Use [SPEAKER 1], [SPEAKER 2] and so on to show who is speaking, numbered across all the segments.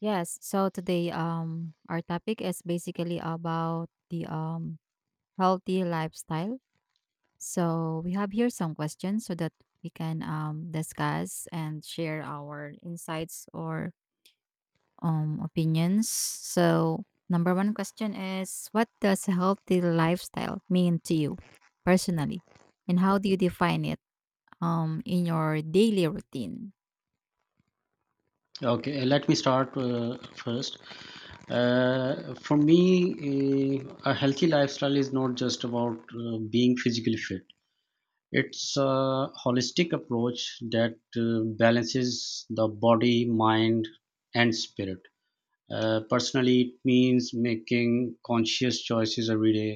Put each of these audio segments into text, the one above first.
[SPEAKER 1] Yes. So today, our topic is basically about the healthy lifestyle. So we have here some questions so that we can discuss and share our insights or opinions. So number one question is, what does healthy lifestyle mean to you personally, and how do you define it in your daily routine?
[SPEAKER 2] Okay, let me start first. For me, a healthy lifestyle is not just about being physically fit. It's a holistic approach that balances the body, mind, and spirit. Personally, it means making conscious choices every day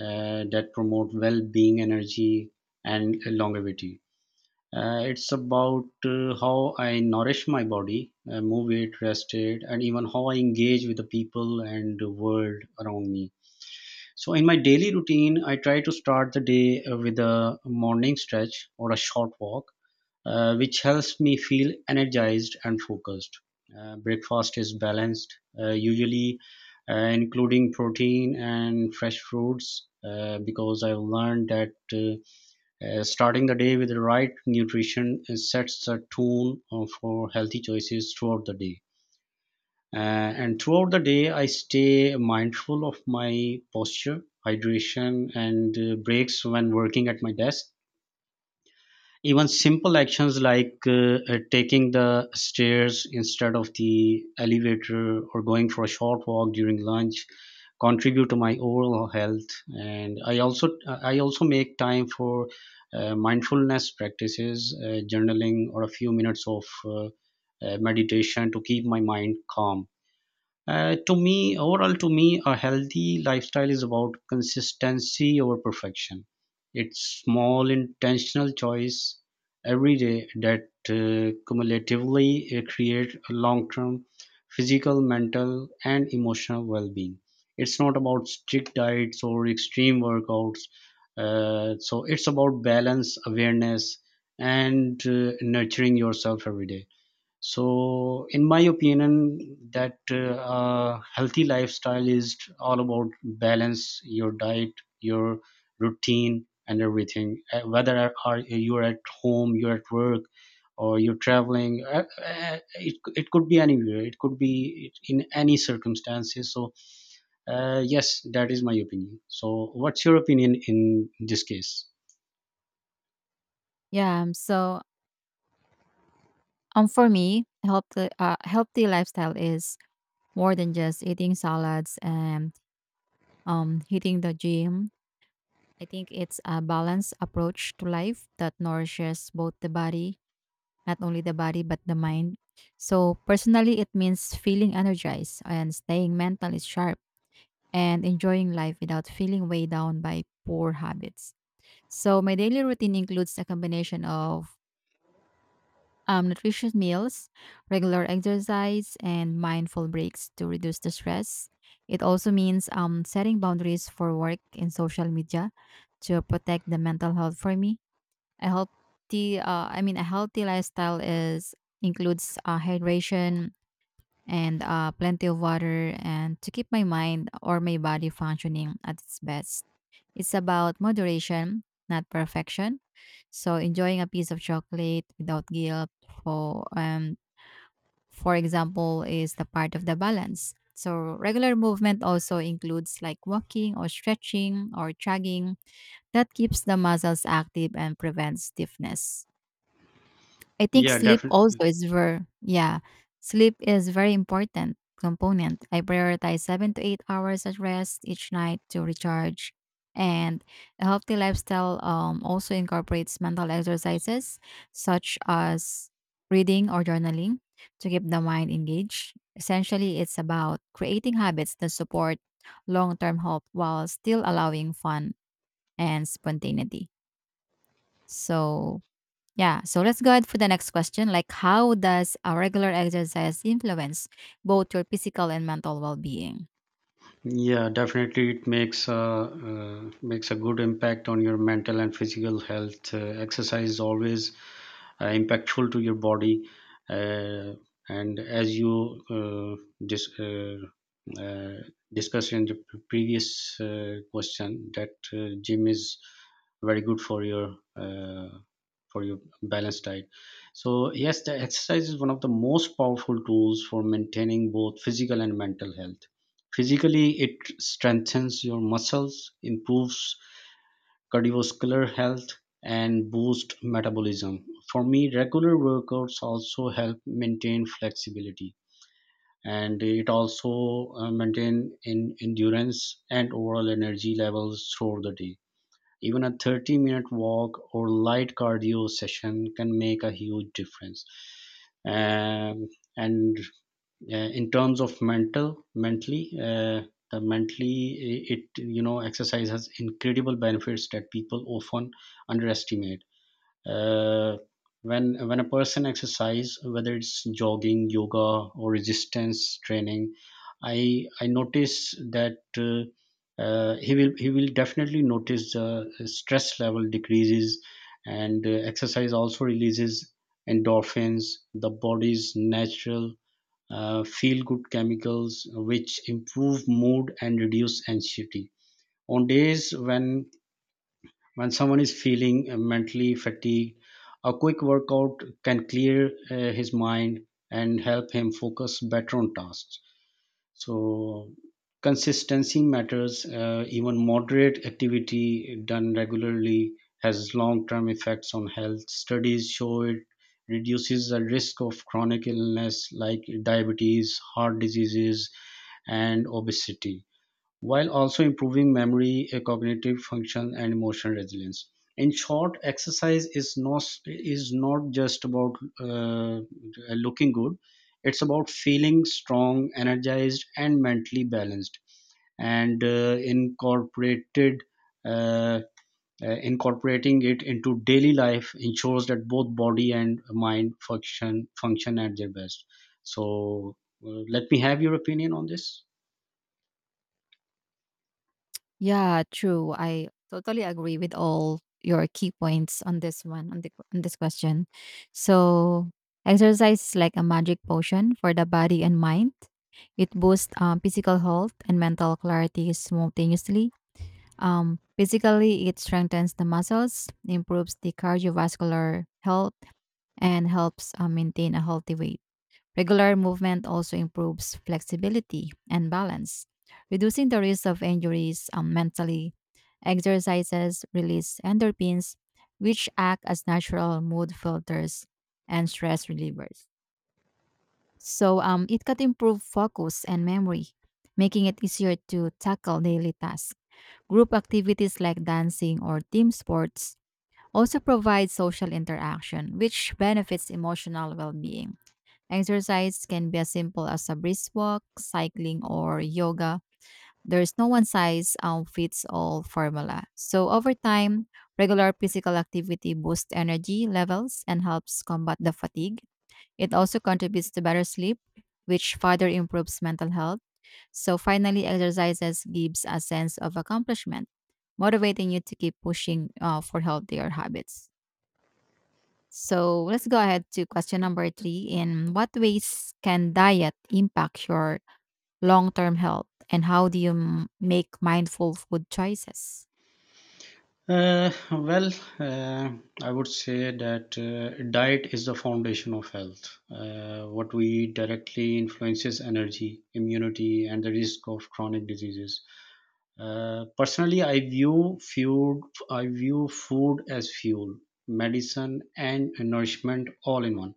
[SPEAKER 2] that promote well being, energy, and longevity. It's about how I nourish my body, move it, rest it, and even how I engage with the people and the world around me. So, in my daily routine, I try to start the day with a morning stretch or a short walk, which helps me feel energized and focused. Breakfast is balanced, usually including protein and fresh fruits, because I've learned that. Starting the day with the right nutrition sets the tone for healthy choices throughout the day. And throughout the day, I stay mindful of my posture, hydration, and breaks when working at my desk. Even simple actions like taking the stairs instead of the elevator or going for a short walk during lunch contribute to my overall health, and I also make time for mindfulness practices, journaling, or a few minutes of meditation to keep my mind calm. Overall, to me, a healthy lifestyle is about consistency over perfection. It's small, intentional choice every day that cumulatively create a long-term physical, mental, and emotional well-being. It's not about strict diets or extreme workouts. So it's about balance, awareness, and nurturing yourself every day. So, in my opinion, that healthy lifestyle is all about balance, your diet, your routine, and everything. Whether are you're at home, you're at work, or you're traveling, it could be anywhere. It could be in any circumstances. So, yes, that is my opinion. So, what's your opinion in this case?
[SPEAKER 1] Yeah. So, for me, healthy lifestyle is more than just eating salads and hitting the gym. I think it's a balanced approach to life that nourishes both the body, not only the body, but the mind. So, personally, it means feeling energized and staying mentally sharp and enjoying life without feeling weighed down by poor habits. So, my daily routine includes a combination of nutritious meals, regular exercise, and mindful breaks to reduce the stress. It also means setting boundaries for work and social media to protect the mental health for me. I mean, a healthy lifestyle is includes hydration and plenty of water, and to keep my mind or my body functioning at its best. It's about moderation, not perfection. So enjoying a piece of chocolate without guilt for um for example is the part of the balance. So regular movement also includes like walking or stretching or jogging that keeps the muscles active and prevents stiffness. I think
[SPEAKER 2] Yeah,
[SPEAKER 1] sleep
[SPEAKER 2] definitely.
[SPEAKER 1] also is very, yeah, sleep is very important component. I prioritize 7 to 8 hours of rest each night to recharge. And a healthy lifestyle also incorporates mental exercises such as reading or journaling to keep the mind engaged. Essentially, it's about creating habits that support long-term health while still allowing fun and spontaneity. So, yeah, so let's go ahead for the next question. Like, how does a regular exercise influence both your physical and mental well being?
[SPEAKER 2] Yeah, definitely, it makes a good impact on your mental and physical health. Exercise always impactful to your body, uh, and as you uh, discussed in the previous question that gym is very good for your balanced diet. So yes, the exercise is one of the most powerful tools for maintaining both physical and mental health. Physically, it strengthens your muscles, improves cardiovascular health, and boost metabolism. For me, regular workouts also help maintain flexibility, and it also maintain in endurance and overall energy levels throughout the day. Even a 30-minute walk or light cardio session can make a huge difference. Um, and in terms of mentally, the mentally I- it exercise has incredible benefits that people often underestimate. uh, when a person exercise, whether it's jogging, yoga, or resistance training, i I notice that uh, he will definitely notice the stress level decreases, and exercise also releases endorphins, the body's natural, feel good chemicals, which improve mood and reduce anxiety. On days when someone is feeling mentally fatigued, a quick workout can clear his mind and help him focus better on tasks. So consistency matters. Even moderate activity done regularly has long-term effects on health. Studies show it reduces the risk of chronic illness like diabetes, heart diseases, and obesity, while also improving memory, cognitive function, and emotional resilience. In short, exercise is not just about uh, looking good; it's about feeling strong, energized, and mentally balanced. And incorporated uh, incorporating it into daily life ensures that both body and mind function at their best. So, let me have your opinion on this.
[SPEAKER 1] Yeah, true. I totally agree with all your key points on this one, on this question. So, exercise is like a magic potion for the body and mind. It boosts physical health and mental clarity simultaneously. Physically, it strengthens the muscles, improves the cardiovascular health, and helps maintain a healthy weight. Regular movement also improves flexibility and balance, reducing the risk of injuries mentally. Exercises release endorphins, which act as natural mood filters and stress relievers. So it can improve focus and memory, making it easier to tackle daily tasks. Group activities like dancing or team sports also provide social interaction, which benefits emotional well being. Exercise can be as simple as a brisk walk, cycling, or yoga. There's no one size fits all formula. So, over time, regular physical activity boosts energy levels and helps combat the fatigue. It also contributes to better sleep, which further improves mental health. So, finally, exercises gives a sense of accomplishment, motivating you to keep pushing for healthier habits. So let's go ahead to question number three. In what ways can diet impact your long term health, and how do you make mindful food choices?
[SPEAKER 2] Well, uh, I would say that diet is the foundation of health. What we eat directly influences energy, immunity, and the risk of chronic diseases. Personally, I view food as fuel, medicine, and nourishment all in one.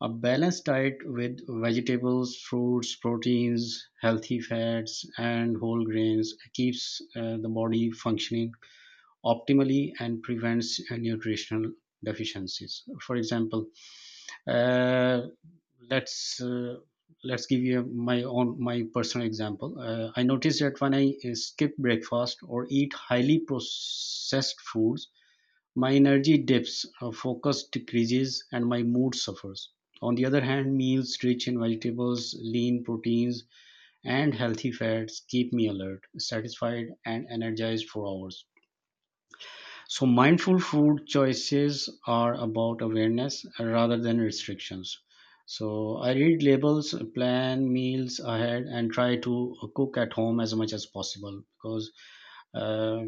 [SPEAKER 2] A balanced diet with vegetables, fruits, proteins, healthy fats, and whole grains keeps the body functioning optimally and prevents nutritional deficiencies. For example, uh, let's uh, let's give you my personal example. I noticed that when I skip breakfast or eat highly processed foods, my energy dips, focus decreases, and my mood suffers. On the other hand, meals rich in vegetables, lean proteins, and healthy fats keep me alert, satisfied, and energized for hours. So, mindful food choices are about awareness rather than restrictions. So, I read labels, plan meals ahead, and try to cook at home as much as possible, because uh,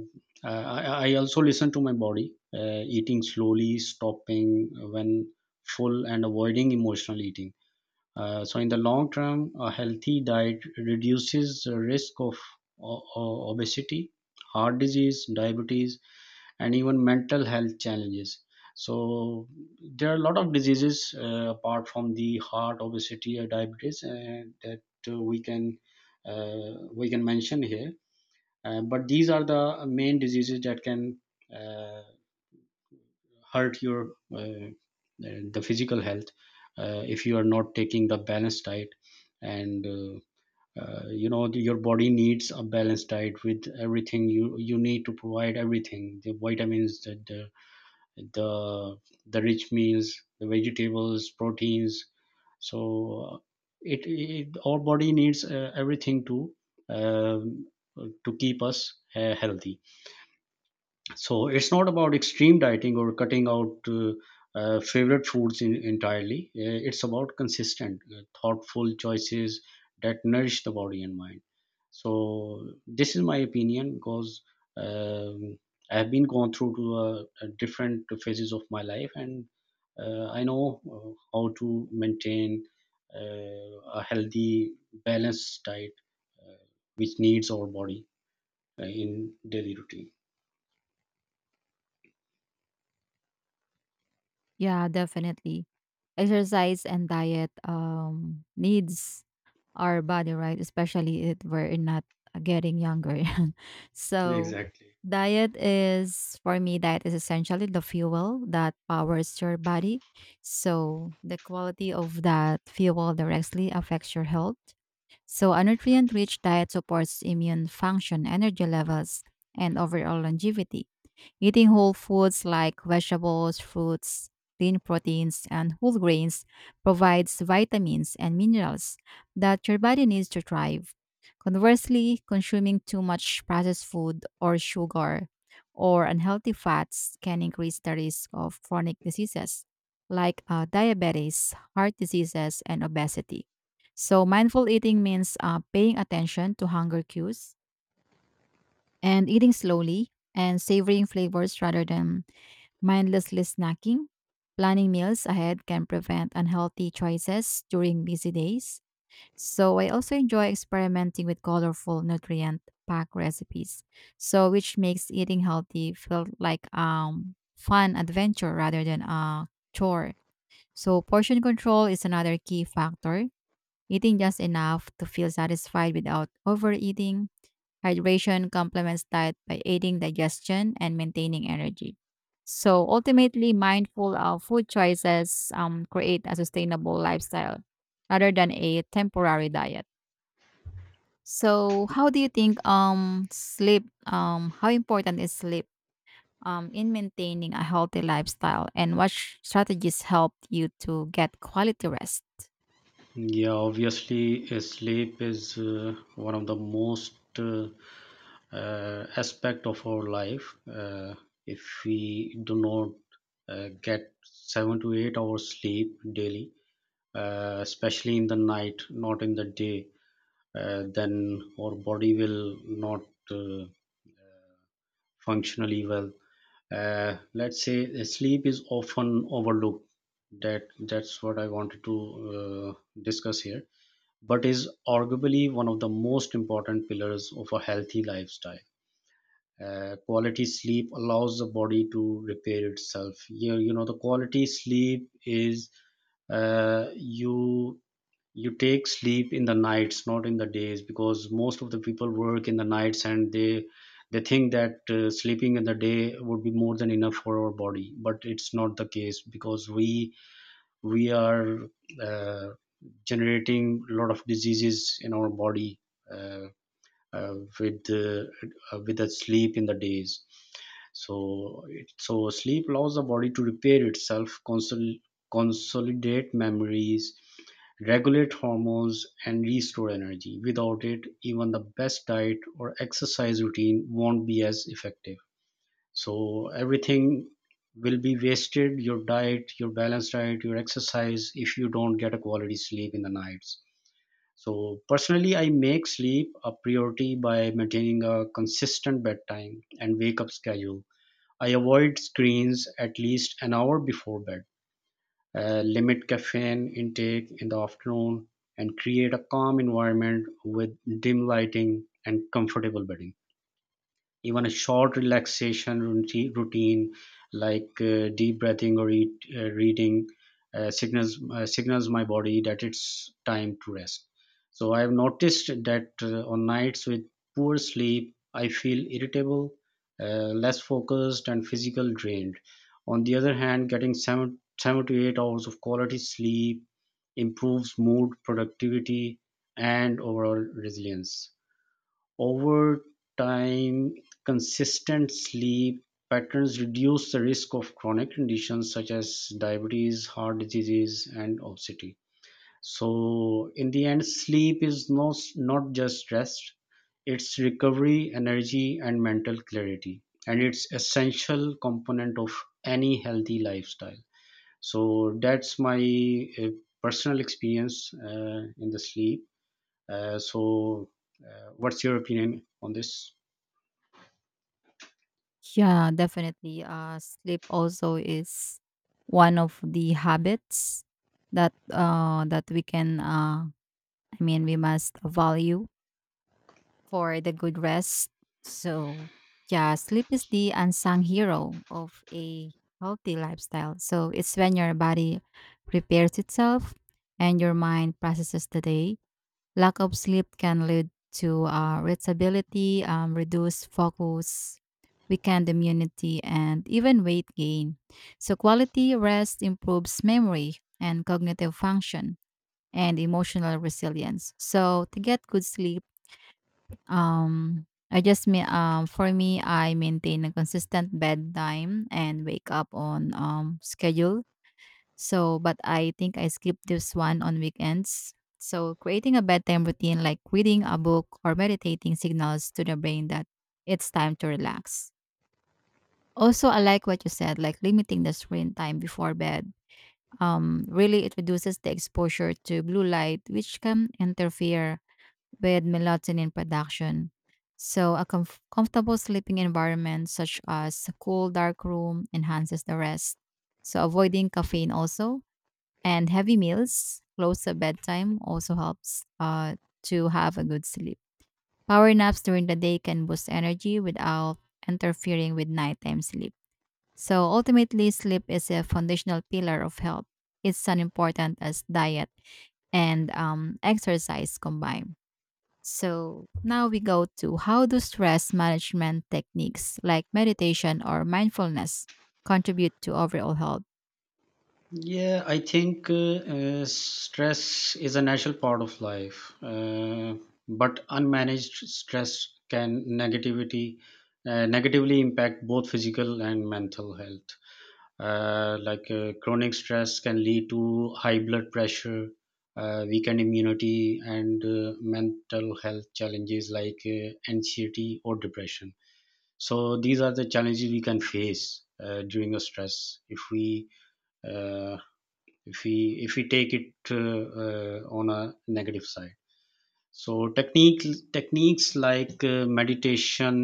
[SPEAKER 2] I also listen to my body, eating slowly, stopping when full, and avoiding emotional eating. So, in the long term, a healthy diet reduces the risk of obesity, heart disease, diabetes, and even mental health challenges. So there are a lot of diseases, apart from the heart, obesity, or diabetes, that uh, we can we can mention here. But these are the main diseases that can uh, hurt your the physical health, if you are not taking the balanced diet, and you know, your body needs a balanced diet with everything you need to provide, everything: the vitamins, the the rich meals, the vegetables, proteins. So it, it our body needs everything to um keep us healthy. So it's not about extreme dieting or cutting out favorite foods entirely. It's about consistent, thoughtful choices that nourish the body and mind. So this is my opinion because um, I've been gone through to different phases of my life, and I know how to maintain a healthy, balanced diet, uh, which needs our body in daily routine.
[SPEAKER 1] Yeah, definitely. Exercise and diet needs our body, right? Especially if we're not getting younger. So,
[SPEAKER 2] Exactly.
[SPEAKER 1] diet is, for me, diet is essentially the fuel that powers your body. So, the quality of that fuel directly affects your health. So, a nutrient rich diet supports immune function, energy levels, and overall longevity. Eating whole foods like vegetables, fruits, lean proteins, and whole grains provides vitamins and minerals that your body needs to thrive. Conversely, consuming too much processed food or sugar or unhealthy fats can increase the risk of chronic diseases like diabetes, heart diseases, and obesity. So, mindful eating means paying attention to hunger cues and eating slowly and savoring flavors rather than mindlessly snacking. Planning meals ahead can prevent unhealthy choices during busy days, so I also enjoy experimenting with colorful nutrient pack recipes, so which makes eating healthy feel like fun adventure rather than a chore. So portion control is another key factor. Eating just enough to feel satisfied without overeating. Hydration complements diet by aiding digestion and maintaining energy. So ultimately, mindful of food choices create a sustainable lifestyle rather than a temporary diet. So, how do you think sleep how important is sleep in maintaining a healthy lifestyle, and what strategies help you to get quality rest?
[SPEAKER 2] Yeah, obviously, sleep is one of the most aspect of our life. If we do not get 7 to 8 hours sleep daily, especially in the night, not in the day, then our body will not uh, functionally well. Let's say sleep is often overlooked. That's what I wanted to discuss here, but is arguably one of the most important pillars of a healthy lifestyle. Quality sleep allows the body to repair itself. You know, the quality sleep is uh, you you take sleep in the nights, not in the days, because most of the people work in the nights, and they think that sleeping in the day would be more than enough for our body, but it's not the case because we are uh, generating a lot of diseases in our body uh, uh, with uh, with the sleep in the days. So sleep allows the body to repair itself, consolidate memories, regulate hormones, and restore energy. Without it, even the best diet or exercise routine won't be as effective. So everything will be wasted, your diet, your balanced diet, your exercise, if you don't get a quality sleep in the nights. So personally, I make sleep a priority by maintaining a consistent bedtime and wake up schedule. I avoid screens at least an hour before bed, limit caffeine intake in the afternoon, and create a calm environment with dim lighting and comfortable bedding. Even a short relaxation routine like deep breathing or reading signals my body that it's time to rest. So I have noticed that on nights with poor sleep, I feel irritable, less focused, and physical drained. On the other hand, getting 7 to 8 hours of quality sleep improves mood, productivity, and overall resilience. Over time, consistent sleep patterns reduce the risk of chronic conditions such as diabetes, heart diseases, and obesity. So, in the end, sleep is not, not just rest, it's recovery, energy, and mental clarity. And it's essential component of any healthy lifestyle. So that's my personal experience in the sleep. Uh, so, what's your opinion on this?
[SPEAKER 1] Yeah, definitely. Sleep also is one of the habits that we can I mean, we must value for the good rest. So, yeah, sleep is the unsung hero of a healthy lifestyle. So, it's when your body prepares itself and your mind processes the day. Lack of sleep can lead to irritability, reduced focus, weakened immunity, and even weight gain. So, quality rest improves memory and cognitive function and emotional resilience. So, to get good sleep, um, I just me for me, I maintain a consistent bedtime and wake up on schedule. So, but I think I skip this one on weekends. So, creating a bedtime routine like reading a book or meditating signals to the brain that it's time to relax. Also, I like what you said, like limiting the screen time before bed. Really, it reduces the exposure to blue light, which can interfere with melatonin production. So, a comfortable sleeping environment, such as a cool, dark room, enhances the rest. So, avoiding caffeine also and heavy meals close to bedtime also helps to have a good sleep. Power naps during the day can boost energy without interfering with nighttime sleep. So, ultimately, sleep is a foundational pillar of health. It's as important as diet and exercise combined. So now we go to how do stress management techniques like meditation or mindfulness contribute to overall health?
[SPEAKER 2] Yeah, I think stress is a natural part of life, but unmanaged stress can negativity negatively impact both physical and mental health. Chronic stress can lead to high blood pressure, weakened immunity, and mental health challenges like anxiety or depression. So these are the challenges we can face during a stress if we. Uh, if we take it on a negative side. So techniques like meditation,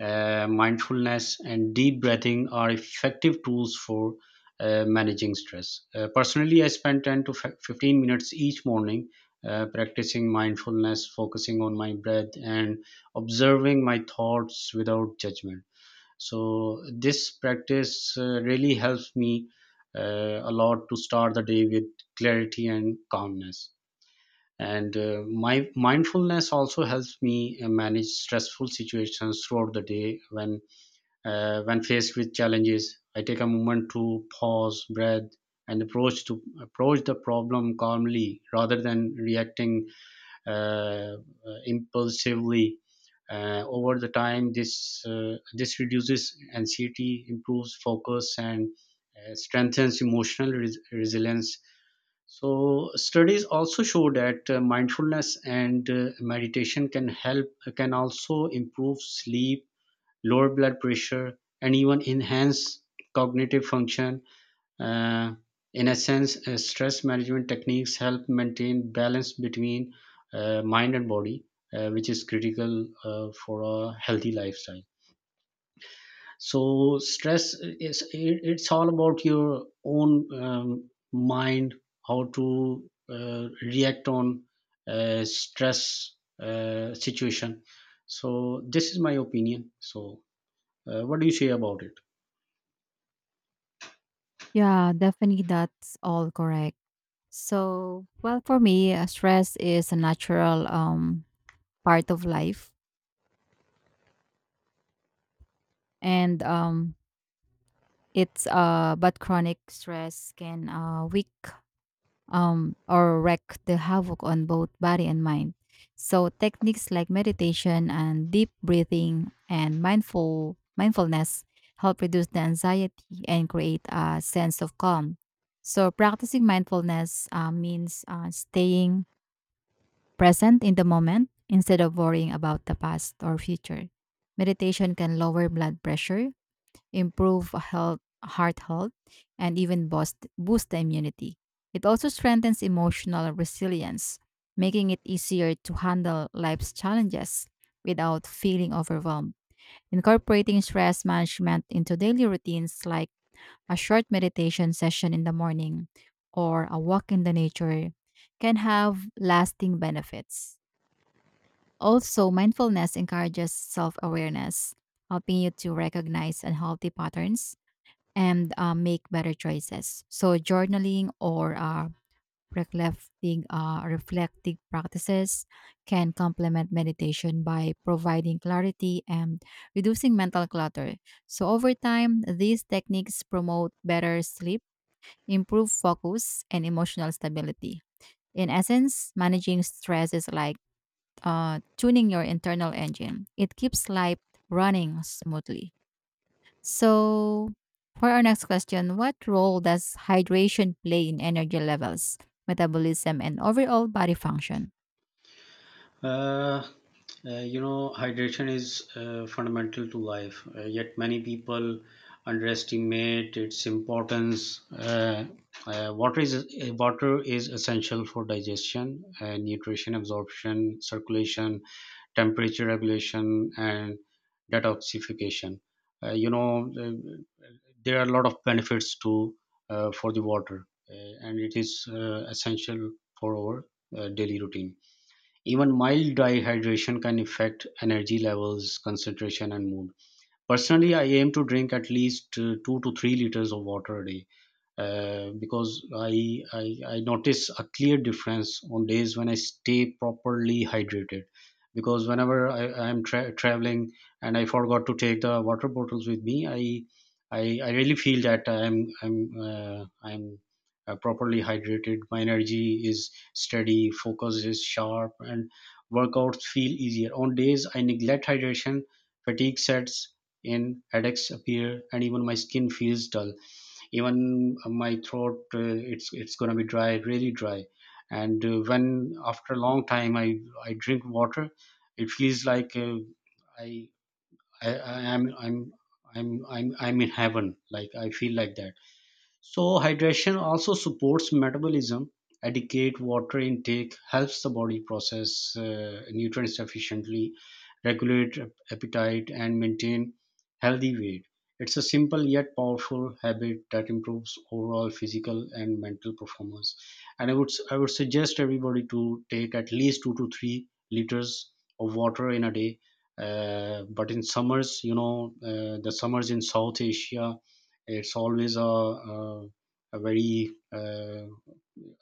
[SPEAKER 2] mindfulness and deep breathing are effective tools for managing stress. Personally, I spend 10 to 15 minutes each morning practicing mindfulness, focusing on my breath and observing my thoughts without judgment. So this practice really helps me a lot to start the day with clarity and calmness. And my mindfulness also helps me manage stressful situations throughout the day. When faced with challenges, I take a moment to pause, breathe, and approach the problem calmly rather than reacting uh, impulsively. Over the time, this reduces anxiety, improves focus and strengthens emotional resilience. So studies also show that mindfulness and meditation can also improve sleep, lower blood pressure and even enhance cognitive function. uh, in essence, stress management techniques help maintain balance between mind and body, which is critical for a healthy lifestyle. So, stress is, it's all about your own mind, how to react on stress situation. So, this is my opinion. So, what do you say about it?
[SPEAKER 1] Yeah, definitely that's all correct. So, well, for me, stress is a natural part of life, and it's but chronic stress can weak or wreak the havoc on both body and mind. So techniques like meditation and deep breathing and mindfulness help reduce the anxiety and create a sense of calm. So practicing mindfulness means staying present in the moment instead of worrying about the past or future. Meditation can lower blood pressure, improve heart health, and even boost the immunity. It also strengthens emotional resilience, making it easier to handle life's challenges without feeling overwhelmed. Incorporating stress management into daily routines, like a short meditation session in the morning or a walk in the nature, can have lasting benefits. Also, mindfulness encourages self awareness, helping you to recognize unhealthy patterns and make better choices. So journaling or reflective practices can complement meditation by providing clarity and reducing mental clutter. So over time, these techniques promote better sleep, improve focus, and emotional stability. In essence, managing stress is like tuning your internal engine. It keeps life running smoothly. So, for our next question, what role does hydration play in energy levels, metabolism, and overall body function?
[SPEAKER 2] Uh, you know, hydration is fundamental to life, yet many people underestimate its importance. Water is essential for digestion, nutrition absorption, circulation, temperature regulation, and detoxification. You know, there are a lot of benefits to for the water, and it is essential for our daily routine. Even mild dehydration can affect energy levels, concentration, and mood. Personally, I aim to drink at least 2 to 3 liters of water a day because I notice a clear difference on days when I stay properly hydrated. Because whenever I'm traveling and I forgot to take the water bottles with me, I really feel that I'm properly hydrated. My energy is steady, focus is sharp, and workouts feel easier. On days I neglect hydration, fatigue sets in, headaches appear, and even my skin feels dull, even my throat, it's going to be dry, really dry. And when after a long time I drink water, it feels like I, I I am I'm in heaven. Like, I feel like that. So hydration also supports metabolism. Adequate water intake helps the body process nutrients efficiently, regulate appetite, and maintain healthy weight. It's a simple yet powerful habit that improves overall physical and mental performance. And I would suggest everybody to take at least 2 to 3 liters of water in a day. But in summers, you know, the summers in South Asia, it's always a very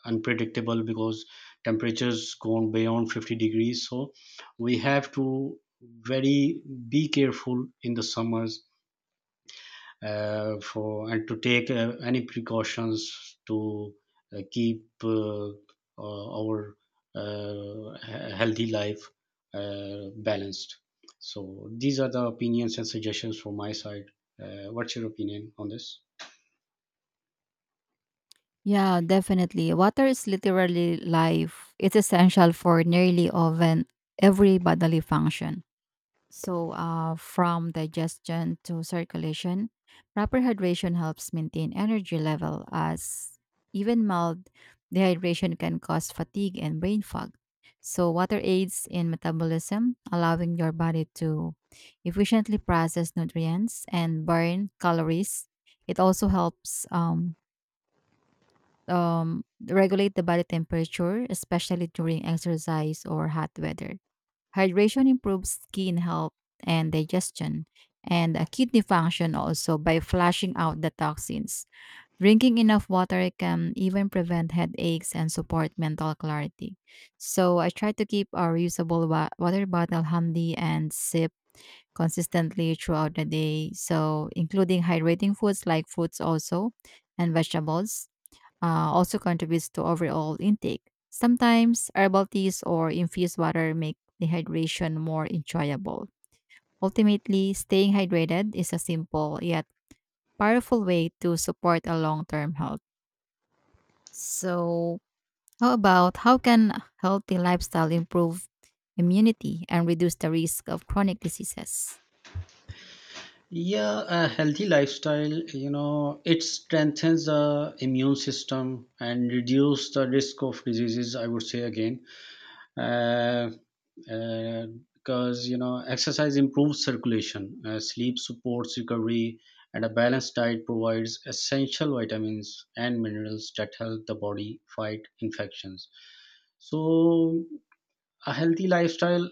[SPEAKER 2] unpredictable, because temperatures gone beyond 50 degrees. So we have to very be careful in the summers for and to take any precautions to keep our healthy life balanced. So these are the opinions and suggestions from my side. What's your opinion on this?
[SPEAKER 1] Yeah, definitely. Water is literally life. It's essential for nearly even every bodily function. So, from digestion to circulation, proper hydration helps maintain energy level, as even mild dehydration can cause fatigue and brain fog. So, water aids in metabolism, allowing your body to efficiently process nutrients and burn calories. It also helps regulate the body temperature, especially during exercise or hot weather. Hydration improves skin health and digestion and kidney function also by flushing out the toxins. Drinking enough water can even prevent headaches and support mental clarity. So I try to keep a reusable water bottle handy and sip consistently throughout the day. So including hydrating foods like fruits also and vegetables also contributes to overall intake. Sometimes herbal teas or infused water make dehydration more enjoyable. Ultimately, staying hydrated is a simple yet powerful way to support a long term health. So, how about how can healthy lifestyle improve immunity and reduce the risk of chronic diseases?
[SPEAKER 2] Yeah, a healthy lifestyle, you know, it strengthens the immune system and reduce the risk of diseases, I would say again. Uh, uh, because, you know, exercise improves circulation, sleep supports recovery, and a balanced diet provides essential vitamins and minerals that help the body fight infections. So, a healthy lifestyle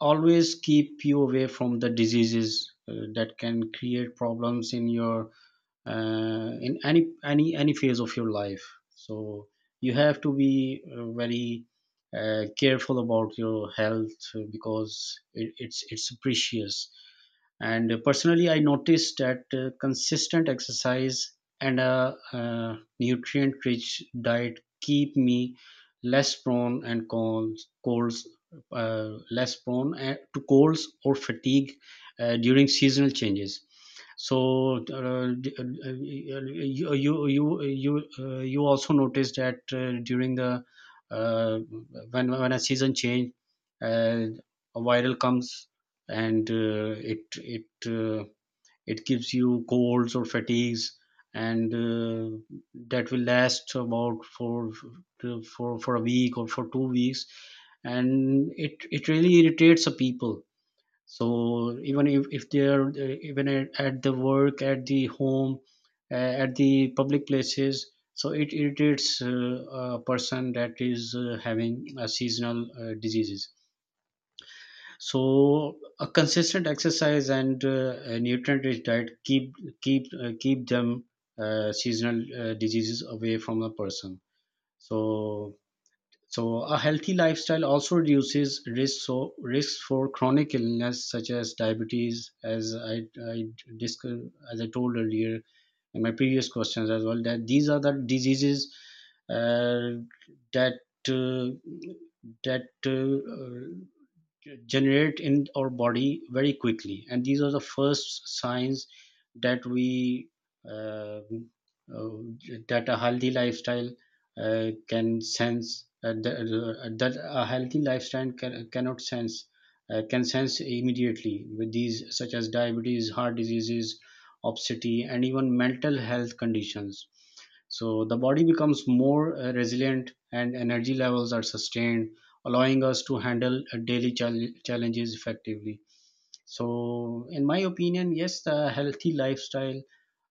[SPEAKER 2] always keep you away from the diseases that can create problems in your in any phase of your life. So you have to be very careful about your health, because it's precious. And personally, I noticed that consistent exercise and a nutrient rich diet keep me less prone and colds, less prone to colds or fatigue during seasonal changes. So uh, you also noticed that during the, uh, when a season change, uh, a viral comes, and it gives you colds or fatigues, and that will last about for a week or for 2 weeks, and it really irritates the people. So even if they're, even at the work, at the home, at the public places, so it irritates a person that is having seasonal diseases. So a consistent exercise and a nutrient rich diet keep keep them seasonal diseases away from a person. So, so a healthy lifestyle also reduces risks for chronic illness such as diabetes, as I discussed, as I told earlier in my previous questions as well, that these are the diseases uh, that uh, that generate in our body very quickly, and these are the first signs that we uh, uh, that a healthy lifestyle can sense that, that a healthy lifestyle cannot sense, can sense immediately with these, such as diabetes, heart diseases, obesity and even mental health conditions. So the body becomes more resilient and energy levels are sustained, allowing us to handle daily challenges effectively. So, in my opinion, yes, the healthy lifestyle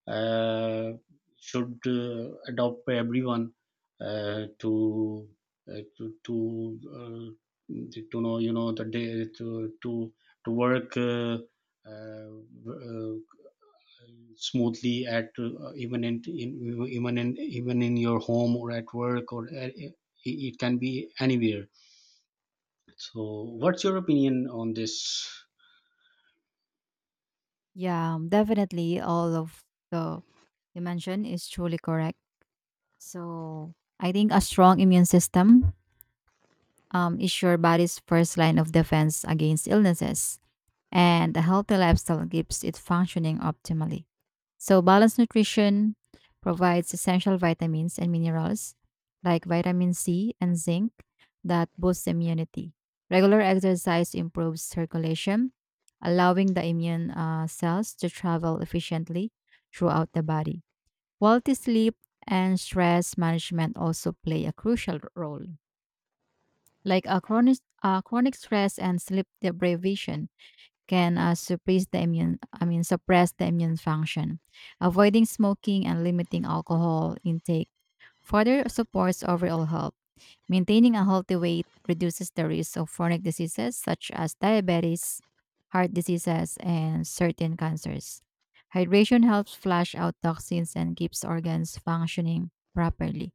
[SPEAKER 2] uh, should adopt by everyone to uh, to to, uh, to know, you know, the day to work uh, uh, smoothly at, even in even in even in your home or at work, or it it can be anywhere. So, what's your opinion on this?
[SPEAKER 1] Yeah, definitely all of the you mentioned is truly correct. So I think a strong immune system is your body's first line of defense against illnesses. And a healthy lifestyle keeps it functioning optimally. So, balanced nutrition provides essential vitamins and minerals like vitamin C and zinc that boosts immunity. Regular exercise improves circulation, allowing the immune cells to travel efficiently throughout the body. Quality sleep and stress management also play a crucial role. Like a chronic stress and sleep deprivation can suppress the immune I mean suppress the immune function. Avoiding smoking and limiting alcohol intake further supports overall health. Maintaining a healthy weight reduces the risk of chronic diseases such as diabetes, heart diseases, and certain cancers. Hydration helps flush out toxins and keeps organs functioning properly.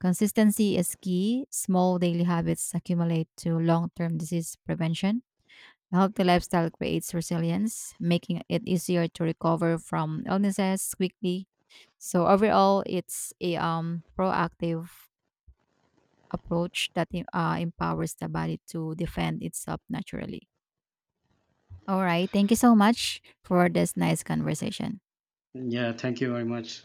[SPEAKER 1] Consistency is key. Small daily habits accumulate to long-term disease prevention. A healthy lifestyle creates resilience, making it easier to recover from illnesses quickly. So overall, it's a proactive approach that empowers the body to defend itself naturally. All right, thank you so much for this nice conversation.
[SPEAKER 2] Yeah, thank you very much.